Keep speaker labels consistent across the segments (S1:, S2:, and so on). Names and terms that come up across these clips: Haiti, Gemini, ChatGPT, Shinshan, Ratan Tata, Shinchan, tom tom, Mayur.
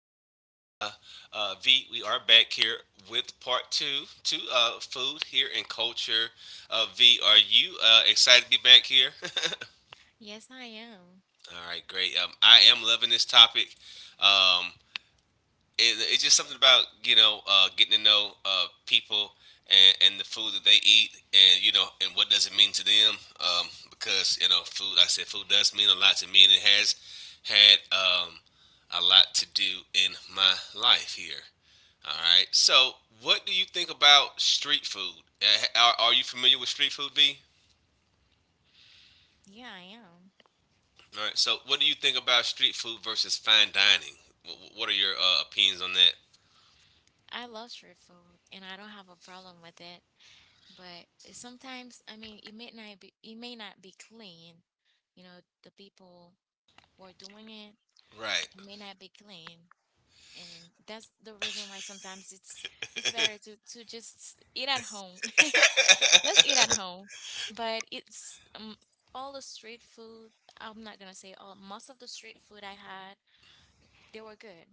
S1: Me and V, we are back here with part two to food here and culture. V, are you excited to be back here?
S2: Yes, I am.
S1: All right, great. I am loving this topic. Um, it's just something about you know getting to know people and the food that they eat, and you know, and what does it mean to them, because you know, food, like I said, food does mean a lot to me, and it has had a lot to do in my life here. All right, so what do you think about street food? Are you familiar with street food, v?
S2: Yeah, I am.
S1: All right, so what do you think about street food versus fine dining? What are your opinions on that?
S2: I love street food and I don't have a problem with it. But sometimes, it may not be it may not be clean. You know, the people who are doing it,
S1: Right.
S2: it may not be clean. And that's the reason why sometimes it's better to just eat at home. Just eat at home. But it's all the street food, I'm not gonna say all, most of the street food I had, they were good.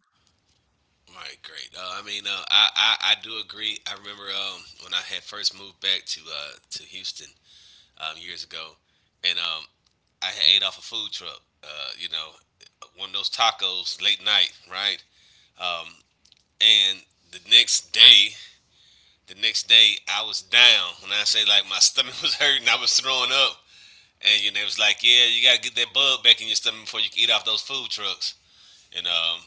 S1: All right, great. I mean, uh, I do agree. I remember when I had first moved back to Houston years ago, and I had ate off a food truck. You know, one of those tacos late night, right? Um, and the next day, the next day I was down. When I say, like, my stomach was hurting, I was throwing up, and you know, it was like, yeah, you gotta get that bug back in your stomach before you can eat off those food trucks. And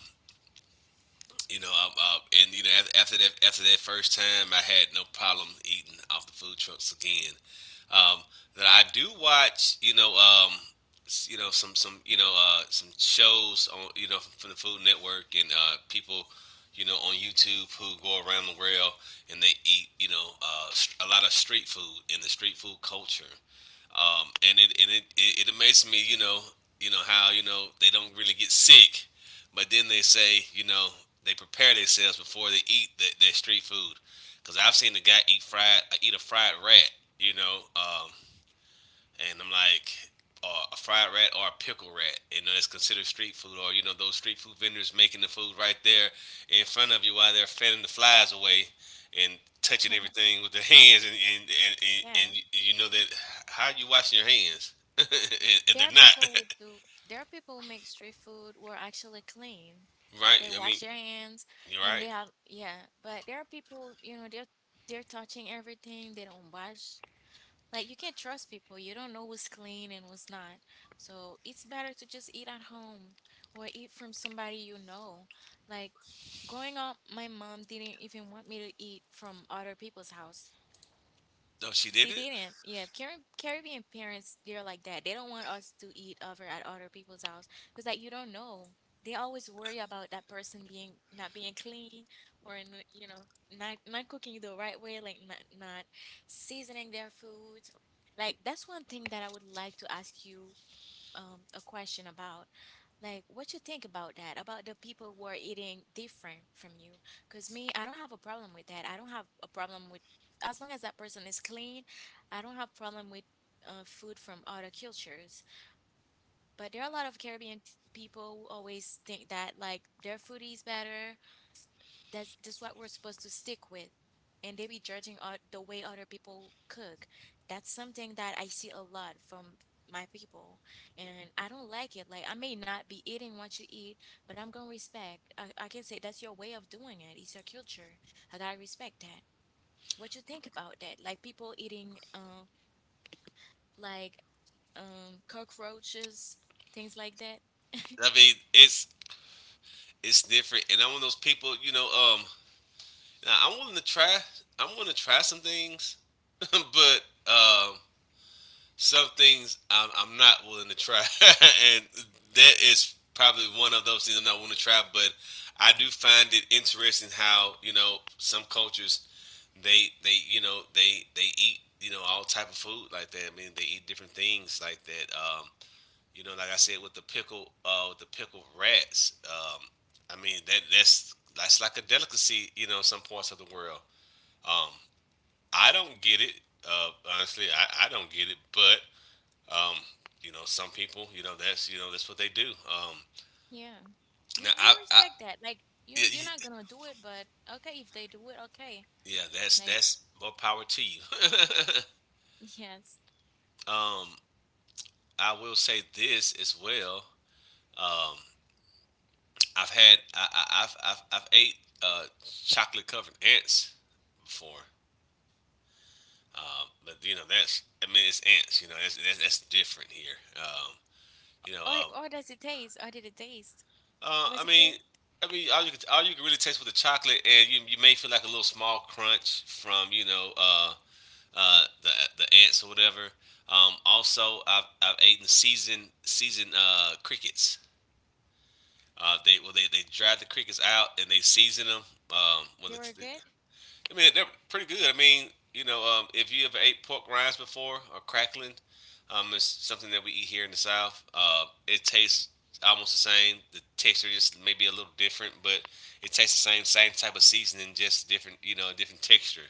S1: you know, and you know, after that first time, I had no problem eating off the food trucks again. Um, that I do watch, you know, you know, some you know, some shows on, you know, from the Food Network, and people, you know, on YouTube who go around the world and they eat, you know, a lot of street food and the street food culture, it it amazes me, you know how, you know, they don't really get sick, but then they say, you know, they prepare themselves before they eat the, their street food, because I've seen the guy eat fried eat a fried rat, you know, and I'm like, a fried rat or a pickle rat, and it's considered street food, or you know those street food vendors making the food right there in front of you while they're fanning the flies away and touching everything with their hands, and
S2: Yeah.
S1: you know that, how are you washing your hands, and
S2: There are
S1: they're not.
S2: people who do, there are people who make street food who are actually clean.
S1: Right?
S2: They
S1: I mean,
S2: wash their hands
S1: you're
S2: and they
S1: right.
S2: have, yeah, but there are people, you know, they're touching everything, they don't wash. Like you can't trust people. You don't know who's clean and who's not. So it's better to just eat at home or eat from somebody you know. Like growing up, my mom didn't even want me to eat from other people's house.
S1: No, she did
S2: She
S1: it.
S2: didn't. Yeah, Caribbean parents, they're like that. They don't want us to eat over at other people's house because, like, you don't know. They always worry about that person being not being clean or n- you know not cooking the right way, like not seasoning their food. Like that's one thing that I would like to ask you a question about like what you think about that, about the people who are eating different from you. Because me, I don't have a problem with that. I don't have a problem with if, as long as that person is clean, I don't have problem with food from other cultures. But there are a lot of Caribbean people who always think that like their food is better, that's just what we're supposed to stick with. And they be the way other people cook. That's something that I see a lot from my people. And I don't like it. Like, I may not be eating what you eat, but I'm going to respect. I can say that's your way of doing it. It's your culture. I got to respect that. What you think about that? Like, people eating, like, cockroaches, things like that.
S1: I mean, it's different, and I'm one of those people. You know, now I'm willing to try. I'm willing to try some things, but um, some things I'm not willing to try, and that is probably one of those things I'm not willing to try. But I do find it interesting how, you know, some cultures they you know they eat, you know, all type of food like that. I mean, they eat different things like that. You know, like I said, with the pickle with the pickled rats. I mean, that's like a delicacy, you know, in some parts of the world. Um, I don't get it. Uh, honestly, I don't get it, but um, you know, some people, you know, that's that's what they do.
S2: Yeah. You
S1: Now,
S2: you
S1: I, I,
S2: respect that. Like you
S1: yeah,
S2: you're not gonna do it, but okay, if they do it, okay.
S1: yeah,
S2: Like
S1: that's more power to you.
S2: yes.
S1: um, I will say this as well. Um, I've had, I, I've ate uh, chocolate covered ants before, but you know, that's, I mean, it's ants. You know, that's different here. Um, you know, um,
S2: Or does it taste? Or did it taste? Was
S1: I
S2: it good?
S1: mean. I mean, all you could really taste with the chocolate, and you may feel like a little small crunch from, you know, uh, the the ants or whatever. Also, I've eaten seasoned crickets. They dry the crickets out and they season them. Um, with
S2: They were
S1: the,
S2: good?
S1: I mean, they're pretty good. I mean, you know, if you ever ate pork rinds before or crackling, it's something that we eat here in the South. It tastes almost the same. The texture just maybe a little different, but it tastes the same same type of seasoning, just different, you know, different texture.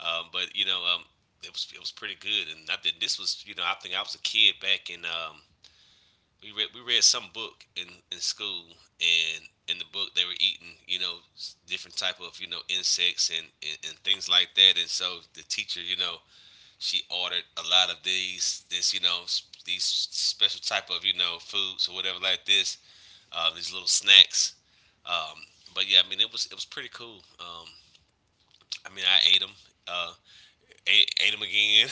S1: Um, but you know, um, it was pretty good. And I did, this was, you know, I think I was a kid back in we read some book in school, and in the book they were eating, you know, different type of, you know, insects, and, things like that. And so the teacher, you know, she ordered a lot of these this you know, these special type of, you know, foods or whatever like this, these little snacks. Um, but yeah, I mean, it was pretty cool. I mean, I ate them. Uh, ate them again.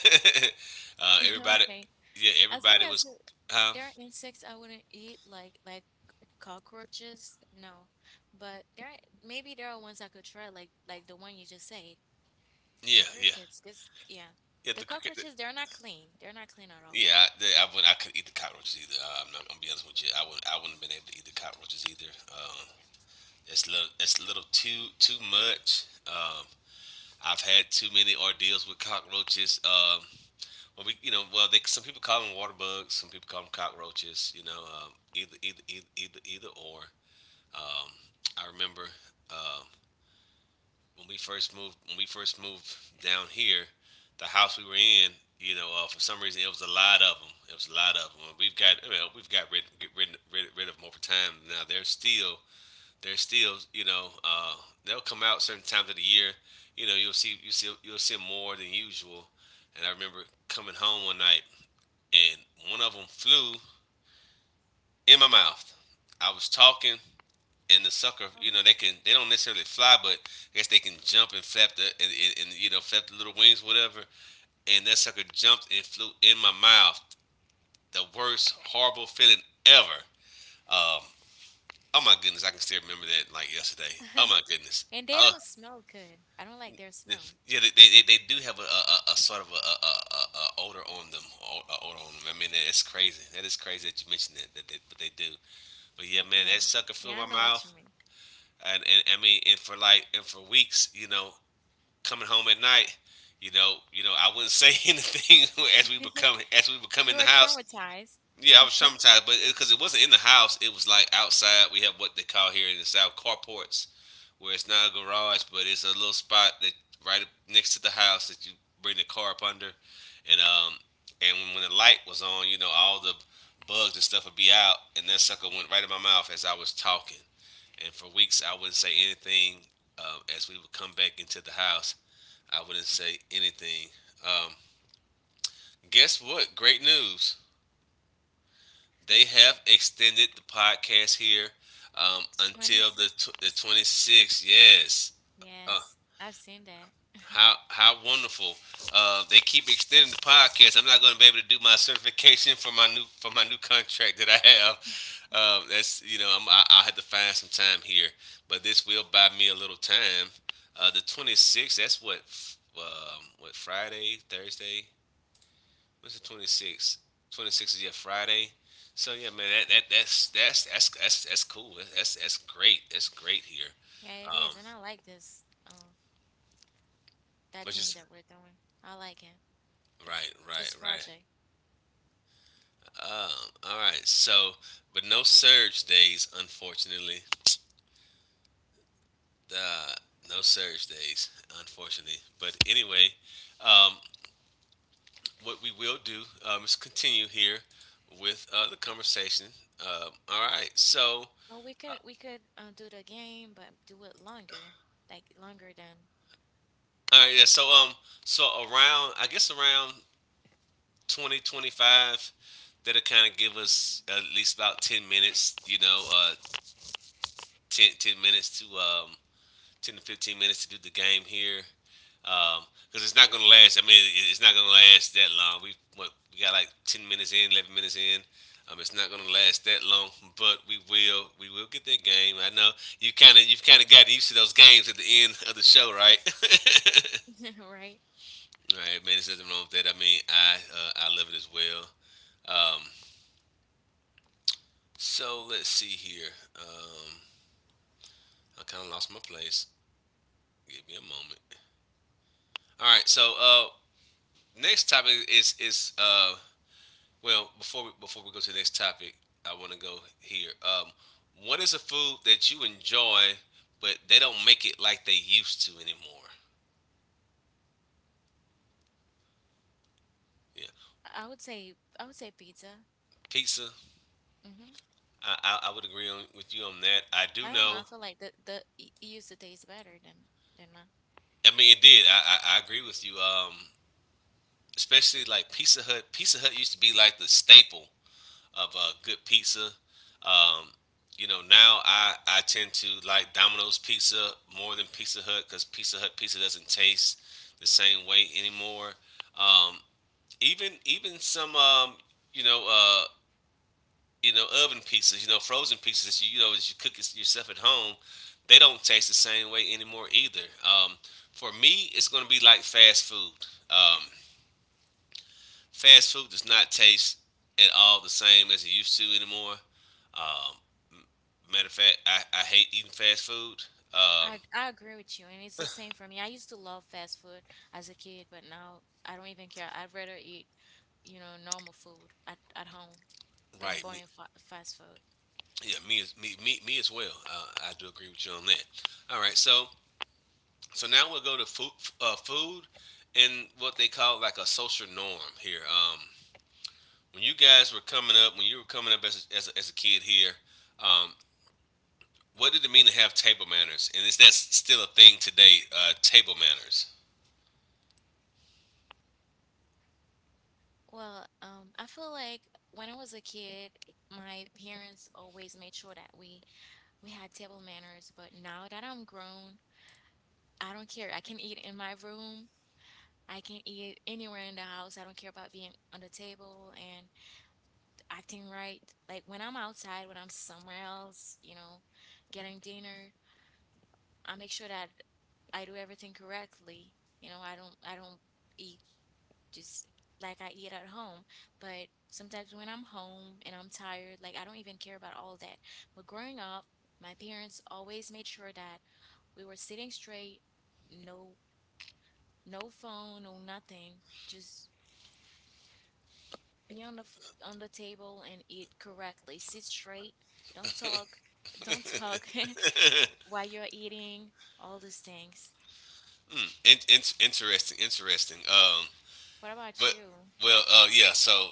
S1: uh, everybody,
S2: Okay.
S1: yeah,
S2: As long
S1: everybody
S2: as
S1: was,
S2: the-
S1: huh?
S2: There are insects I wouldn't eat like cockroaches, no. But there are- maybe there are ones I could try like the one you just said,
S1: Yeah,
S2: the
S1: yeah,
S2: crickets, 'cause yeah.
S1: yeah.
S2: The
S1: The cricket, the,
S2: cockroaches, they're not clean. They're not clean at all.
S1: yeah, I couldn't eat the cockroaches either. I'm not I'm gonna be honest with you. I wouldn't have been able to eat the cockroaches either.
S2: Yeah.
S1: It's a little too much. I've had too many ordeals with cockroaches. Well, they, some people call them water bugs, some people call them cockroaches. You know, either, either or. Um, I remember uh, when we first moved, down here, the house we were in, you know, for some reason, it was a lot of them. It was a lot of them. I mean, we've got rid, rid of them over time. Now they're still, you know, they'll come out certain times of the year. You know, you'll see 'em more than usual. And I remember coming home one night, and one of them flew in my mouth. I was talking, and the sucker,
S2: Oh.
S1: you know, they can, they don't necessarily fly, but I guess they can jump and flap the and you know, flap the little wings, whatever. And that sucker jumped and flew in my mouth. The worst horrible feeling ever. Um, oh my goodness, I can still remember that like yesterday. Oh my goodness.
S2: And they
S1: Uh,
S2: don't smell good. I don't like their smell.
S1: yeah, they do have a, a sort of a odor on them. O- a Odor on them. I mean, that's crazy. That is crazy that you mentioned that, that they, but they do. But
S2: Yeah,
S1: yeah, man,
S2: yeah.
S1: that sucker
S2: Yeah,
S1: flew
S2: I
S1: in my
S2: know what you
S1: mouth, and I mean, and and for weeks, you know, coming home at night, you know, I wouldn't say anything as we
S2: mean.
S1: become,
S2: You
S1: in
S2: are
S1: the house.
S2: traumatized. You
S1: Yeah, I was traumatized, but because it, 'cause it wasn't in the house, it was like outside. We have what they call here in the south, carports, where it's not a garage, but it's a little spot that right up next to the house that you bring the car up under, and um, and when the light was on, you know, all the bugs and stuff would be out, and that sucker went right in my mouth as I was talking. And for weeks, I wouldn't say anything as we would come back into the house. I wouldn't say anything. Um, guess what? Great news. They have extended the podcast here until the
S2: 26th.
S1: the 26th. Yes. Uh,
S2: Yes, I've seen that.
S1: how wonderful. They keep extending the podcast. I'm not going to be able to do my certification for my new, contract that I have. That's you know, I had to find some time here, but this will buy me a little time. The 26th. That's what what, Friday, Thursday, what's the 26th? 26th is, yeah, Friday. So yeah, man, that's cool. That's great. That's great here.
S2: Yeah, it is.
S1: Um,
S2: And I like this that
S1: which
S2: thing that
S1: is,
S2: we're doing. I like it. This
S1: right.
S2: project.
S1: All right. So, but no surge days, unfortunately. Uh, no surge days, unfortunately. But anyway, um, what we will do is continue here with the conversation. All right. So,
S2: Oh, we could do the game but do it longer. Like longer than
S1: all right. Yeah. So, so around, I guess around 2025. That'll kind of give us at least about 10 minutes, you know, ten minutes to 10 to 15 minutes to do the game here. Because it's not going to last. I mean, it's not going to last that long. We, what, we got like 10 minutes in, 11 minutes in. It's not going to last that long, but we will get that game. I know you've kind of gotten used to those games at the end of the show, right?
S2: right?
S1: All right, man, there's nothing wrong with that. I mean, I love it as well. Um, So let's see here. Um, I kind of lost my place. Give me a moment. All right. So, next topic is, well before before we go to the next topic, I want to go here. What is a food that you enjoy, but they don't make it like they used to anymore? Yeah,
S2: I would say I would say pizza.
S1: pizza.
S2: Mm-hmm.
S1: I would agree on, with you on that. I
S2: I
S1: do
S2: don't know. I
S1: know.
S2: feel like you use the taste better than mine.
S1: I mean, it did. I agree with you. Especially like Pizza Hut. Pizza Hut used to be like the staple of good pizza. Um, you know, now I tend to like Domino's Pizza more than Pizza Hut because Pizza Hut pizza doesn't taste the same way anymore. Um, even some you know uh, you know oven pizzas, you know frozen pizzas that you know that you cook it yourself at home, they don't taste the same way anymore either. For me, it's going to be like fast food. Um, Fast food does not taste at all the same as it used to anymore. Matter of fact, I hate eating fast food. Um,
S2: I agree with you, and it's the same for me. I used to love fast food as a kid, but now I don't even care. I'd rather eat, you know, normal food at home than
S1: right. Me,
S2: boring fa fast food.
S1: yeah, me as me me, me as well. I do agree with you on that. All right. So, now we'll go to food food and what they call like a social norm here. When you guys were coming up, as a kid here, um, what did it mean to have table manners? And is that still a thing today? Table manners.
S2: Well, I feel like when I was a kid, my parents always made sure that we had table manners, but now that I'm grown, I don't care. I can eat in my room. I can eat anywhere in the house. I don't care about being on the table, and acting right. Like when I'm outside, when I'm somewhere else, you know, getting dinner, I make sure that I do everything correctly. You know, I don't eat just like I eat at home. But sometimes when I'm home and I'm tired, like I don't even care about all that. But growing up, my parents always made sure that we were sitting straight, no no phone, no nothing, just be on on the table and eat correctly. Sit straight. Don't talk. Don't talk while you're eating. All these things.
S1: Interesting. Interesting. Um,
S2: What about
S1: but
S2: you?
S1: well, yeah. So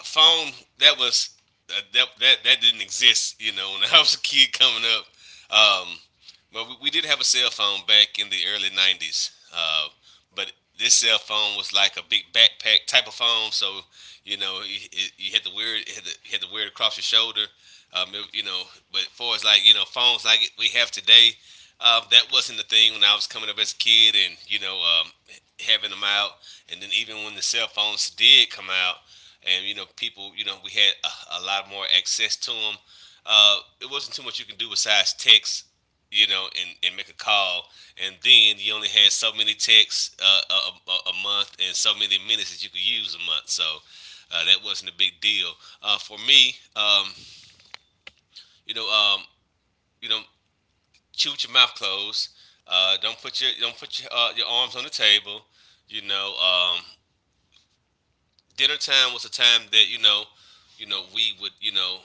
S1: a phone that was that, that that didn't exist. You know, when I was a kid coming up, um, but we did have a cell phone back in the early '90s. But this cell phone was like a big backpack type of phone, so you know you had to wear it, you had to wear it across your shoulder. You know, but for as like you know phones like we have today, that wasn't the thing when I was coming up as a kid, and you know having them out, and then even when the cell phones did come out, and you know people, you know we had a lot more access to them. It wasn't too much you can do besides text you know, and make a call. And then you only had so many texts a month and so many minutes that you could use a month. So, that wasn't a big deal. For me, you know, um, you know, chew with your mouth closed. Don't put your arms on the table. You know, dinner time was a time that you know, we would you know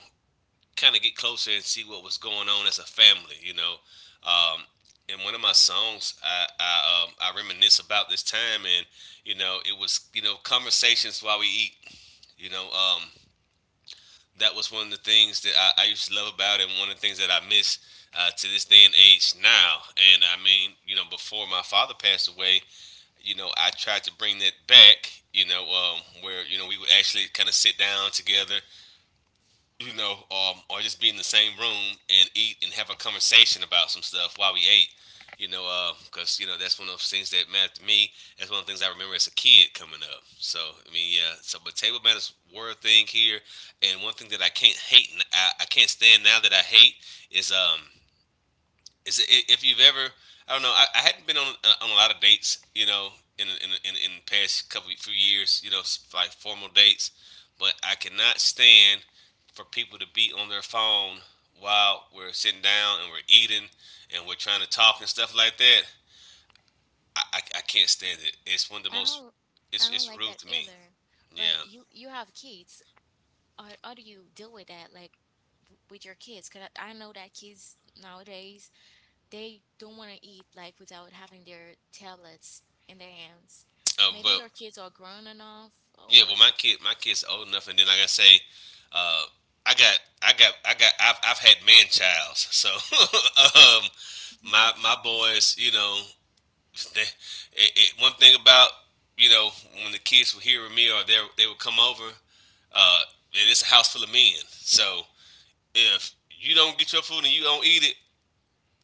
S1: kind of get closer and see what was going on as a family. You know, um, in one of my songs, I reminisce about this time, and you know, it was you know conversations while we eat. You know, that was one of the things that I used to love about it, and one of the things that I miss to this day and age now. And I mean, you know, before my father passed away, you know, I tried to bring that back. You know, where you know we would actually kind of sit down together you know, or just be in the same room and eat and have a conversation about some stuff while we ate. You know, because you know that's one of the things that mattered to me. That's one of the things I remember as a kid coming up. So I mean, yeah. So, but table manners were a thing here, and one thing that I can't stand now that I hate is um is, if you've ever, I don't know, I hadn't been on a lot of dates, you know, in the past couple few years, you know, like formal dates, but I cannot stand for people to be on their phone while we're sitting down and we're eating and we're trying to talk and stuff like that. I can't stand it. It's one of the
S2: I
S1: most.
S2: don't.
S1: It's
S2: I don't
S1: it's
S2: like
S1: rude
S2: that
S1: to me.
S2: either.
S1: Yeah.
S2: But you have kids. How do you deal with that? Like with your kids? Cause I know that kids nowadays they don't want to eat like without having their tablets in their hands. Maybe
S1: But
S2: your kids are grown enough,
S1: yeah,
S2: or
S1: well, my kid's old enough, and then like I say, uh, I've had man childs, so um, my
S2: okay.
S1: boys, you know, one thing about you know when the kids were hearing me or they would come over, uh, and it's a house full of men, so if you don't get your food and you don't eat it,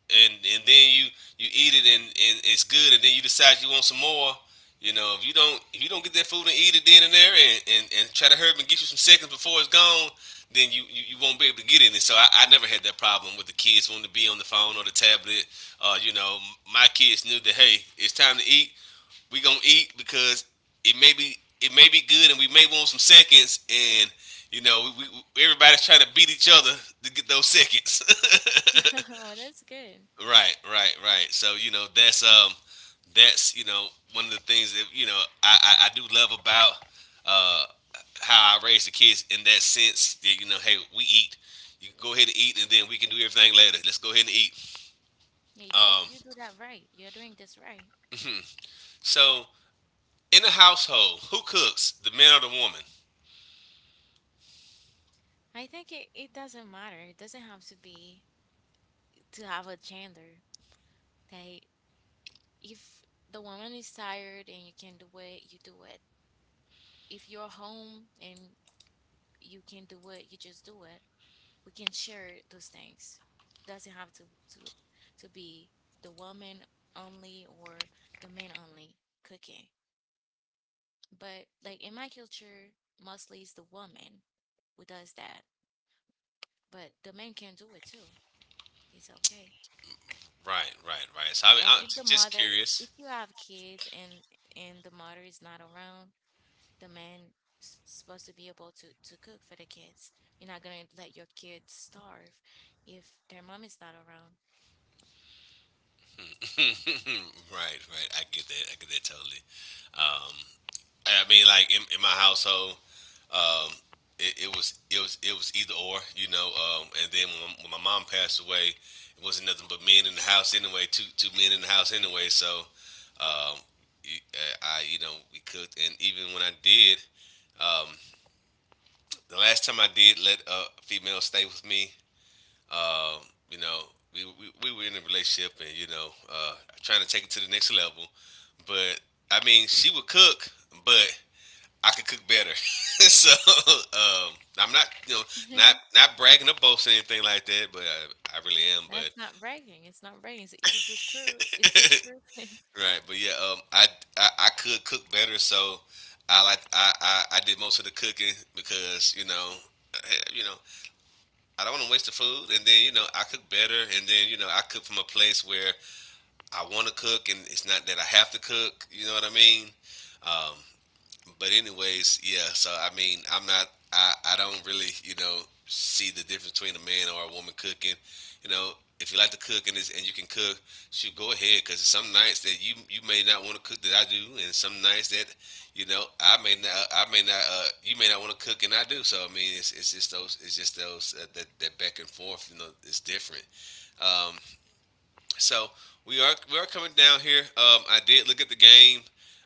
S1: and then you eat it and it's good and then you decide you want some more you know if you don't get that food and eat it then and there and try to herb and get you some seconds before it's gone then you won't be able to get in it so I never had that problem with the kids wanting to be on the phone or the tablet you know my kids knew that hey it's time to eat we gonna eat because it may be good and we may want some seconds and you know we everybody's trying to beat each other to get those seconds
S2: Oh, that's good.
S1: Right, right, right. So you know that's you know one of the things that you know I do love about uh how I raise the kids in that sense that you know hey we eat you go ahead and eat and then we can do everything later let's go ahead and eat
S2: Yeah, you
S1: um
S2: you do that right. You're doing this right.
S1: so in the household who cooks the man or the woman
S2: It doesn't matter. It doesn't have to be to have a gender. That if the woman is tired and you can do it, you do it. If you're home and you can do it, you just do it. We can share those things. Doesn't have to to be the woman only or the man only cooking. But like in my culture, mostly it's the woman who does that. But the men can do it too. It's okay.
S1: right right right so I mean,
S2: Like
S1: I'm
S2: if the
S1: just
S2: mother,
S1: curious
S2: if you have kids and the mother is not around, the man is supposed to be able to cook for the kids. You're not gonna let your kids starve if their mom is not around.
S1: right right I get that totally um I mean like in my household Um, it was either or, you know. And then when my mom passed away, it wasn't nothing but men in the house anyway. Two men in the house anyway. So um, you- I you know we cooked, and even when I did, um, the last time I did let a female stay with me, um, you know. We were in a relationship and you know trying to take it to the next level but I mean she would cook but I could cook better. So, I'm not, you know, not not bragging or boasting or anything like that, but I really am. But
S2: That's not bragging. It's not bragging. So if it's the truth, it's the truth. All
S1: right, but yeah, I could cook better, so I like I did most of the cooking because you know. You know, I don't want to waste the food, and then you know I cook better, and then you know I cook from a place where I want to cook, and it's not that I have to cook. You know what I mean? Um, but anyways, yeah. So I mean, I'm not. I don't really you know see the difference between a man or a woman cooking. You know, if you like to cook and it's, and you can cook, shoot, go ahead. Because some nights that you may not want to cook that I do, and some nights that you know I may not you may not want to cook and I do. So I mean, it's just those that back and forth. You know, it's different. Um, so we are coming down here. I did look at the game,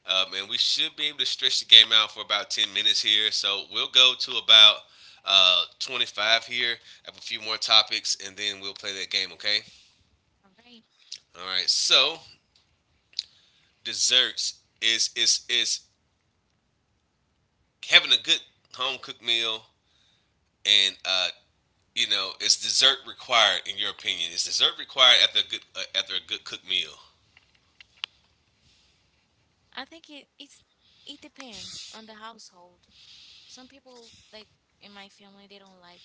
S1: and we should be able to stretch the game out for about 10 minutes here. So we'll go to about 25 here. I have a few more topics, and then we'll play that game. Okay.
S2: right.
S1: All right. So desserts is having a good home cooked meal, and you know, is dessert required in your opinion? Is dessert required after a good cooked meal?
S2: I think it depends on the household. Some people like in my family they don't like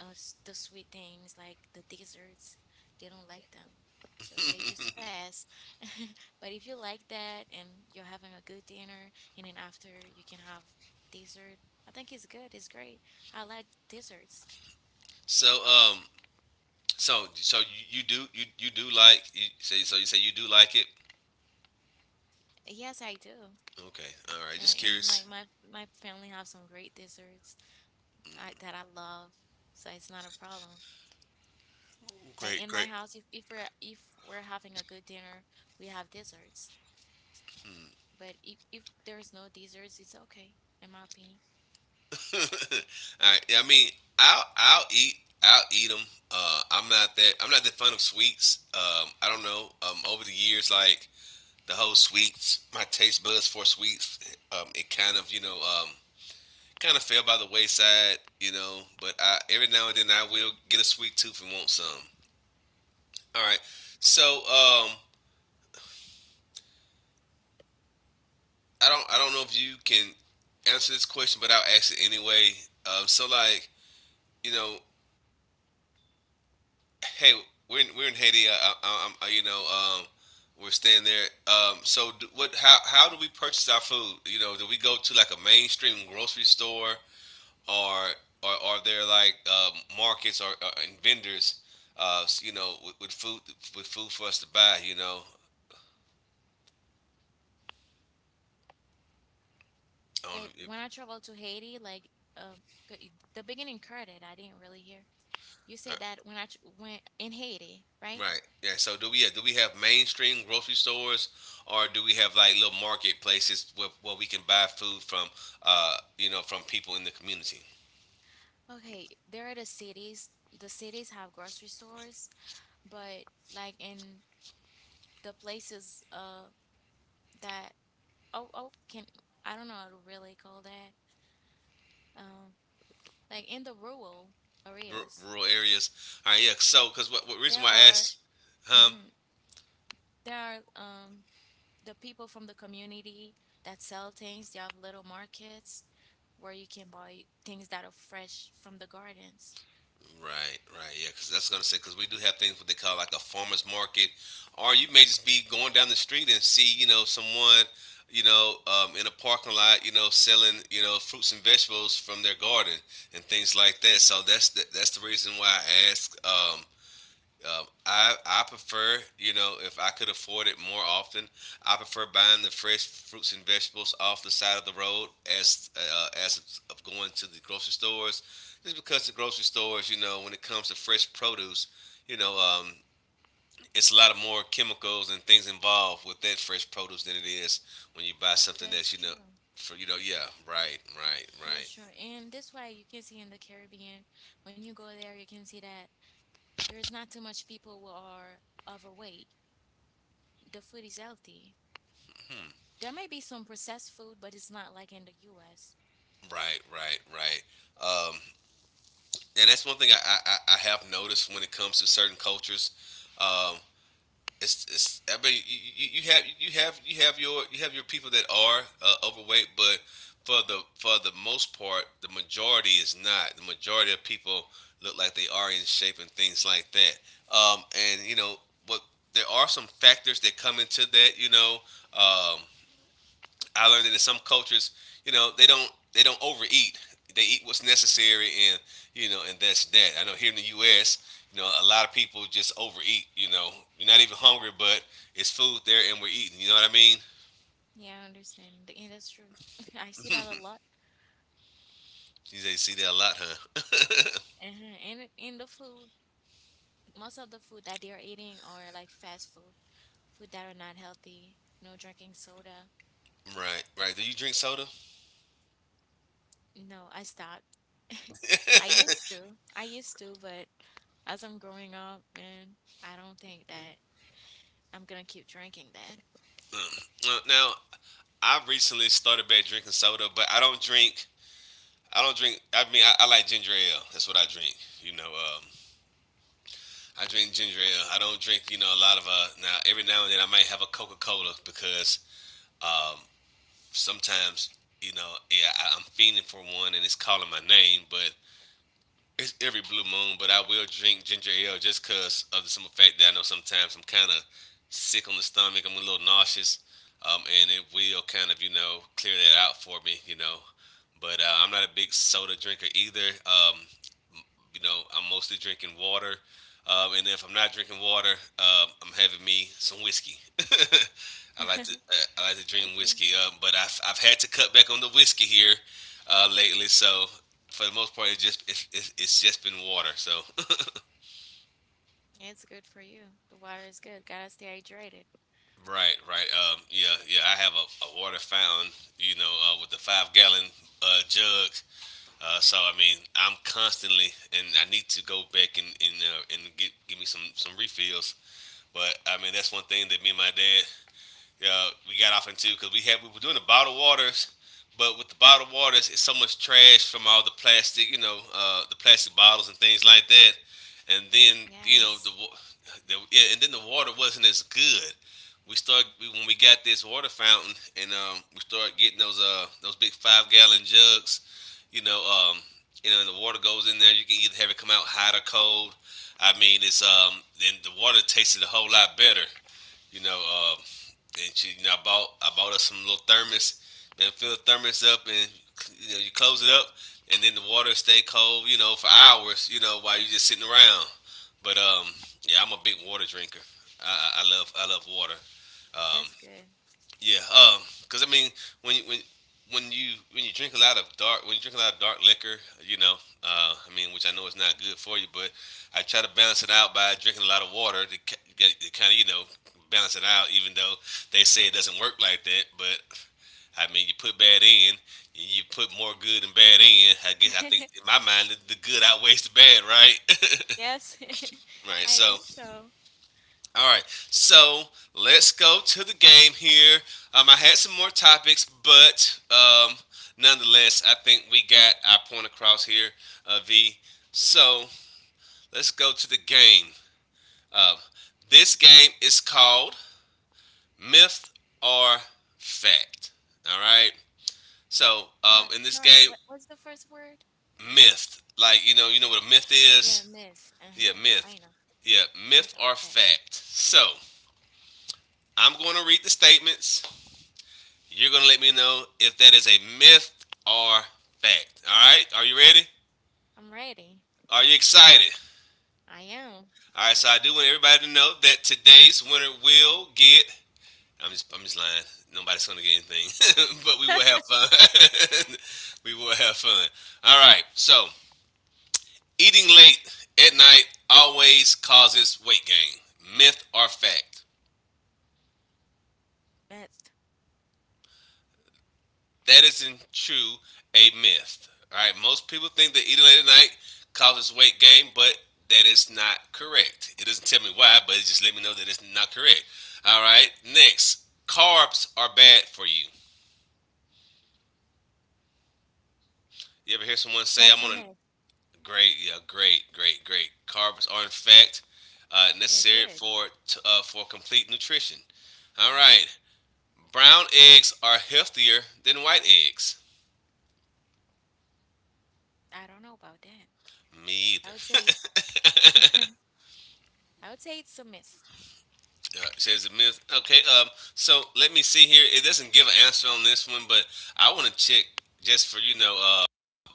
S2: the sweet things like the desserts. They don't like them. So they just pass. But if you like that and you're having a good dinner, and then after you can have dessert, I think it's good. It's great. I like desserts.
S1: So So so you, you do like you say so you say you do like it?
S2: Yes, I do.
S1: Okay. All right. Just
S2: And
S1: curious.
S2: like my family have some great desserts I, that I love. So it's not a problem. Like
S1: Great,
S2: in my
S1: great.
S2: house, if, we're if we're having a good dinner, we have desserts.
S1: Hmm.
S2: But if there's no desserts, it's okay, in my opinion.
S1: All right. Yeah, I mean, I'll I'll eat I'll eat them. I'm not that fond of sweets. I don't know. Over the years, like the whole sweets, my taste buds for sweets, it kind of kind of fell by the wayside, you know. But I every now and then I will get a sweet tooth and want some. All right. So um, I don't know if you can answer this question, but I'll ask it anyway. Um, so like you know, hey, we're in Haiti. I'm um, we're staying there. So do, what? How do we purchase our food? You know, do we go to like a mainstream grocery store, or or are there like markets or and vendors? Uh, you know, with, with food with food for us to buy. You know, on.
S2: Like when I traveled to Haiti, like uh, the beginning credit, I didn't really hear. You
S1: Uh,
S2: said that when went in Haiti, right?
S1: Right. Yeah. So do we have mainstream grocery stores, or do we have like little marketplaces where we can buy food from, you know, from people in the community,
S2: Okay, there are the cities. The cities have grocery stores, but like in the places that oh oh can I don't know how to really call that um like in the rural
S1: Ru
S2: areas
S1: rural areas? All right. Yeah. So what reason
S2: there
S1: why I
S2: are
S1: asked, huh?
S2: mhm, there are the people from the community that sell things, they have little markets where you can buy things that are fresh from the gardens.
S1: Right, right, yeah, because that's gonna say because we do have things what they call like a farmers market, or you may just be going down the street and see you know someone, you know, in a parking lot, you know, selling you know fruits and vegetables from their garden and things like that. So that's the reason why I asked I I prefer, you know, if I could afford it more often, I prefer buying the fresh fruits and vegetables off the side of the road as of going to the grocery stores, just because the grocery stores, you know, when it comes to fresh produce, you know, it's a lot of more chemicals and things involved with that fresh produce than it is when you buy something that's,
S2: That's
S1: you know,
S2: true.
S1: for you know, yeah, right, right, right,
S2: That's true. And this way you can see in the Caribbean, when you go there, you can see that there is not too much people who are overweight. The food is healthy. There may be some processed food, but it's not like in the US.
S1: right, right, right. Um, and that's one thing I have noticed when it comes to certain cultures. Um, it's I mean have you have your you have your people that are overweight, but for the most part, the majority is not. The majority of people look like they are in shape and things like that. And you know what? There are some factors that come into that. You know, um, I learned that in some cultures, you know, they don't overeat. They eat what's necessary, and you know, and that's that. I know here in the U.S., you know, a lot of people just overeat. You know, you're not even hungry, but it's food there, and we're eating. You know what I mean?
S2: Yeah, I understand. And that's true. I see that a lot.
S1: You see that a lot, huh?
S2: Uh-huh. And in the food, most of the food that they're eating are like fast food, food that are not healthy. No drinking soda.
S1: Right, right. Do you drink soda?
S2: No, I stopped. I used to. I used to, but as I'm growing up, man, I don't think that I'm gonna keep drinking
S1: Mm. Now, I recently started back drinking soda, but I don't drink. I don't drink. I mean, I like ginger ale. That's what I drink. You know, I drink ginger ale. I don't drink, you know, a lot of now every now and then I might have a Coca Cola because um sometimes, you know, yeah, I'm fiending for one and it's calling my name, but it's every blue moon, but I will drink ginger ale just because of the simple fact that I know sometimes I'm kind of sick on the stomach. I'm a little nauseous, and it will kind of, you know, clear that out for me, you know. But I'm not a big soda drinker either. You know, I'm mostly drinking water. And if I'm not drinking water, I'm having me some whiskey.
S2: that.
S1: I like to drink
S2: Okay.
S1: whiskey, but I've had to cut back on the whiskey here lately. So for the most part, it's just it's just been water. So
S2: It's good for you. The water is good. Gotta stay hydrated.
S1: right, right, yeah, yeah. I have a water fountain, you know, with the 5 gallon jug. So I mean, I'm constantly, and I need to go back and and get give me some refills. But I mean, that's one thing that me and my dad we got off into because we were doing the bottled waters, but with the bottled waters, it's so much trash from all the plastic, you know, the plastic bottles and things like that. And then you know
S2: Yes,
S1: the yeah, and then the water wasn't as good. When we got this water fountain, and we started getting those big 5 gallon jugs, you know um you know and the water goes in there. You can either have it come out hot or cold. I mean, it's then the water tasted a whole lot better you know, and she, you know, I bought us some little thermos. Man, fill the thermos up and you know you close it up, and then the water stay cold. You know, for hours. You know, while you just sitting around. But yeah, I'm a big water drinker. I love water. Um,
S2: that's good.
S1: yeah, because I mean, when you- when when you drink a lot of dark when you drink a lot of dark liquor, you know, I mean, which I know is not good for you, but I try to balance it out by drinking a lot of water to, to kind of you know balance it out. Even though they say it doesn't work like that, but I mean, you put bad in, you put more good and bad in. I guess I think in my mind the good outweighs the bad, right?
S2: Yes,
S1: Right.
S2: I
S1: So
S2: think so.
S1: all right, so let's go to the game here. I had some more topics, but nonetheless, I think we got our point across here, V. So let's go to the game. Uh, this game is called Myth or Fact. All right. So in this
S2: Sorry,
S1: game,
S2: what was the first word?
S1: myth, like you know what a myth
S2: Yeah,
S1: is.
S2: myth.
S1: Yeah,
S2: Uh-huh.
S1: myth.
S2: I know.
S1: Yeah, myth
S2: Myth or
S1: or
S2: fact.
S1: fact. So I'm going to read the statements. You're going to let me know if that is a myth or fact. All right? Are you ready?
S2: I'm ready.
S1: Are you excited?
S2: I am.
S1: All right, so I do want everybody to know that today's winner will get. I'm just lying. Nobody's going to get anything, but we will have fun. We will have fun. All right, so eating late at night always causes weight gain. Myth or fact?
S2: Myth.
S1: That isn't true a myth. All right, most people think that eating late at night causes weight gain, but that is not correct. It doesn't tell me why, but it just let me know that it's not correct. All right, next, carbs are bad for you. You ever hear someone say,
S2: That's
S1: "I'm
S2: a
S1: on
S2: myth.
S1: a great, yeah, great, great, great." Carbs are in fact
S2: They're
S1: necessary
S2: good.
S1: for complete nutrition. All
S2: Yes.
S1: right, brown eggs are healthier than white eggs.
S2: I don't know about that.
S1: Me either.
S2: I would say I would say it's a myth.
S1: Says a myth. Okay, so let me see here. It doesn't give an answer on this one, but I want to check just for you know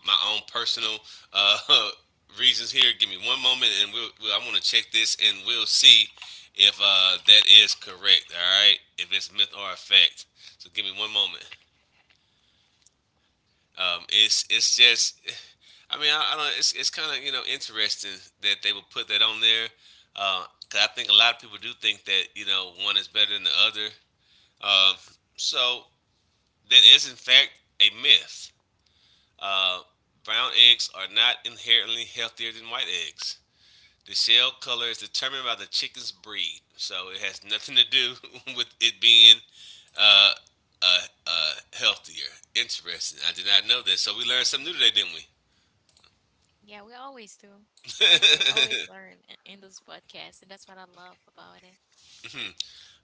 S1: my own personal uh, reasons here. Give me one moment, and we'll I want to check this, and we'll see if that is correct. All right, if it's myth or a fact. So give me one moment. Um, it's it's just, I mean, I don't. It's kind of you know interesting that they would put that on there, because I think a lot of people do think that you know one is better than the other. Um, so that is in fact a myth. Uh, brown eggs are not inherently healthier than white eggs. The shell color is determined by the chicken's breed, so it has nothing to do with it being uh, uh, healthier. Interesting. I did not know that. So we learned something new today, didn't we?
S2: Yeah, we always do. We always in this podcast, and that's what I love about it.
S1: Hmm.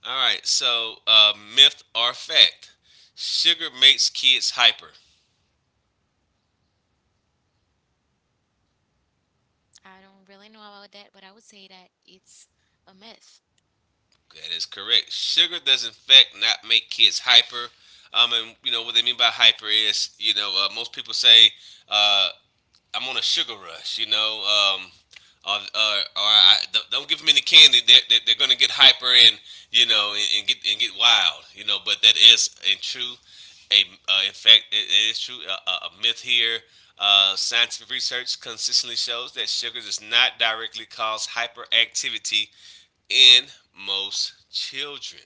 S1: All right. So myth or fact: sugar makes kids hyper.
S2: I don't really know about that, but I would say that it's a myth.
S1: That is correct. Sugar does in fact not make kids hyper. And you know what they mean by hyper is, you know, most people say, uh, "I'm on a sugar rush," you know, or I, don't- "Don't give them any candy; they're going to get hyper and you know and get wild," you know. But that is in true, a in fact, it is a myth here. Scientific research consistently shows that sugar does not directly cause hyperactivity in most children.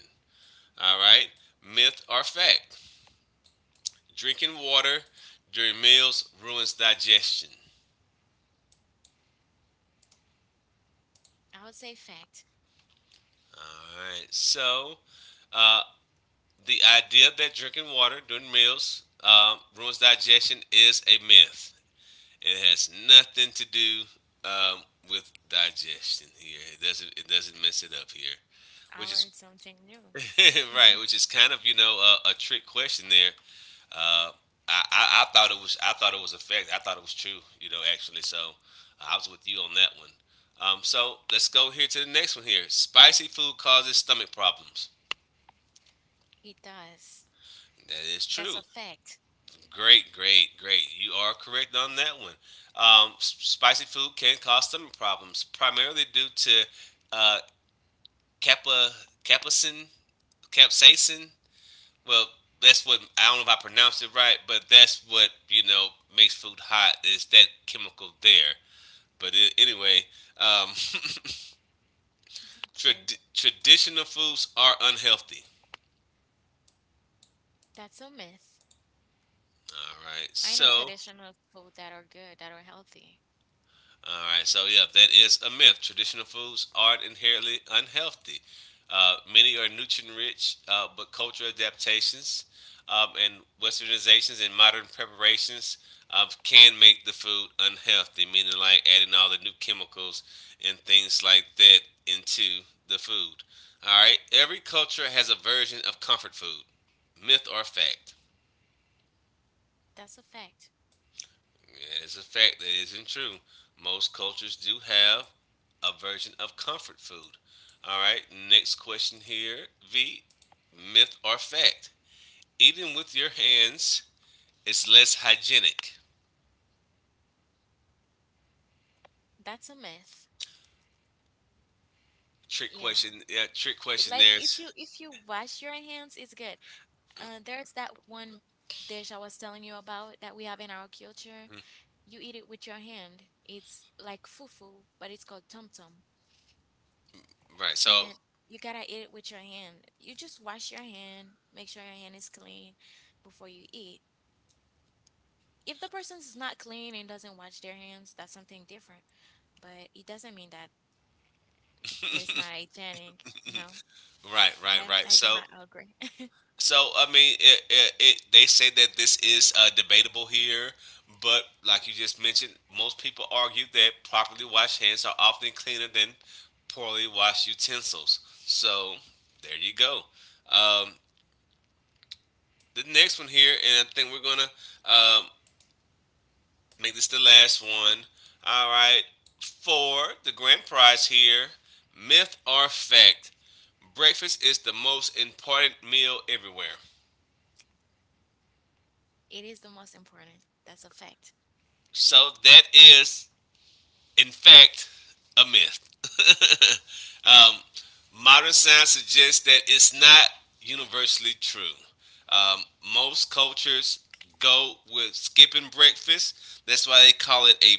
S1: All right, myth or fact? Drinking water during meals ruins digestion.
S2: I would say fact.
S1: All right, so uh, the idea that drinking water during meals ruins digestion is a myth. It has nothing to do um, with digestion here. It doesn't. It doesn't mess it up here,
S2: I
S1: which is
S2: learned something new.
S1: right. Which is kind of a trick question there. Uh, I thought it was effective. I thought it was true, you know, actually. So I was with you on that one. So let's go here to the next one here. Spicy food causes stomach problems.
S2: It does.
S1: That is
S2: That's
S1: true.
S2: a fact.
S1: Great, great, great. You are correct on that one. Spicy food can cause stomach problems, primarily due to uh, kappa, capsaicin, capsaicin. Well, that's what, I don't know if I pronounced it right, but that's what, you know, makes food hot, is that chemical there. But it, anyway, um,
S2: Okay.
S1: traditional foods are unhealthy.
S2: That's a myth.
S1: All right.
S2: I know
S1: So,
S2: traditional food that are good, that are healthy.
S1: all right. So, yeah, that is a myth. Traditional foods are inherently unhealthy. Many are nutrient rich, but cultural adaptations and westernizations and modern preparations can make the food unhealthy, meaning like adding all the new chemicals and things like that into the food. All right. Every culture has a version of comfort food. Myth or fact?
S2: That's a fact.
S1: It is a fact that isn't true. Most cultures do have a version of comfort food. All right, next question here, V. Myth or fact? Eating with your hands is less hygienic.
S2: That's a myth.
S1: Trick
S2: Yeah.
S1: question. Yeah, trick question
S2: Like
S1: there.
S2: if you wash your hands, it's good. There's that one dish I was telling you about that we have in our culture. You eat it with your hand. It's like fufu, but it's called tom tom.
S1: Right. So,
S2: And you gotta eat it with your hand. You just wash your hand, make sure your hand is clean before you eat. If the person's not clean and doesn't wash their hands, that's something different. But it doesn't mean that is not hygienic. No,
S1: right, right, right.
S2: I do
S1: So,
S2: not agree.
S1: so I mean, it they say that this is debatable here, but like you just mentioned, most people argue that properly washed hands are often cleaner than poorly washed utensils. So there you go. Um, the next one here, and I think we're gonna um, make this the last one. All right, for the grand prize here, myth or fact: breakfast is the most important meal everywhere.
S2: It is the most important. That's a fact.
S1: So that is, in fact, a myth. um, Modern science suggests that it's not universally true. Um, Most cultures go with skipping breakfast. That's why they call it a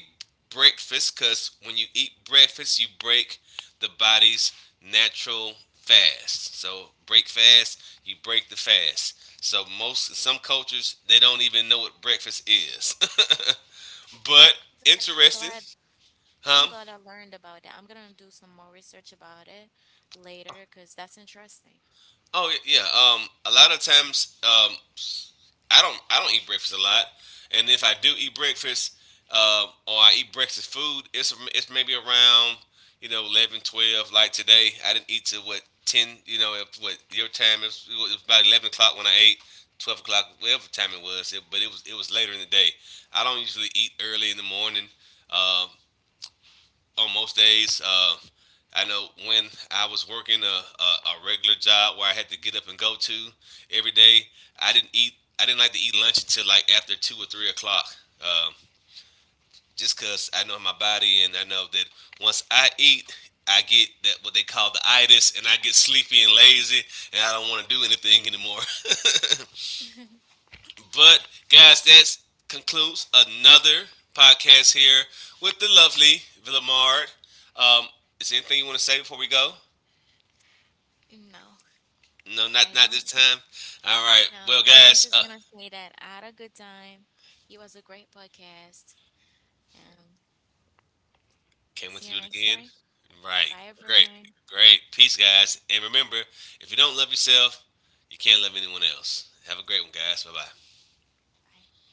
S1: breakfast, because when you eat breakfast, you break the body's natural fast. So break fast, you break the fast. So most, some cultures, they don't even know what breakfast is. But
S2: I'm glad. I'm
S1: interesting,
S2: glad. I'm
S1: huh?
S2: glad I learned about that. I'm gonna do some more research about it later because that's interesting.
S1: Oh yeah. A lot of times, I don't eat breakfast a lot, and if I do eat breakfast, or I eat breakfast food, it's maybe around, you know, 11, 12 Like today, I didn't eat till what, 10. You know, if, what your time is? It was about 11 o'clock when I ate. 12 o'clock, whatever time it was, it, but it was later in the day. I don't usually eat early in the morning. Um, on most days. I know when I was working a regular job where I had to get up and go to every day, I didn't eat. I didn't like to eat lunch until like after 2 or 3 o'clock, um, just because I know my body and I know that once I eat, I get that what they call the itis, and I get sleepy and lazy, and I don't want to do anything anymore. But guys, that concludes another podcast here with the lovely Villamard. Um, is there anything you want to say before we go?
S2: No,
S1: No,
S2: I
S1: not not
S2: don't.
S1: this time. All right.
S2: No,
S1: Well,
S2: I'm
S1: guys,
S2: just gonna say that I had a good time. It was a great podcast. And
S1: can't
S2: see
S1: wait
S2: you
S1: to do it
S2: next
S1: again.
S2: time.
S1: Right.
S2: Bye,
S1: Great.
S2: everyone.
S1: Great. Peace, guys. And remember, if you don't love yourself, you can't love anyone else. Have a great one, guys. Bye bye.
S2: Bye.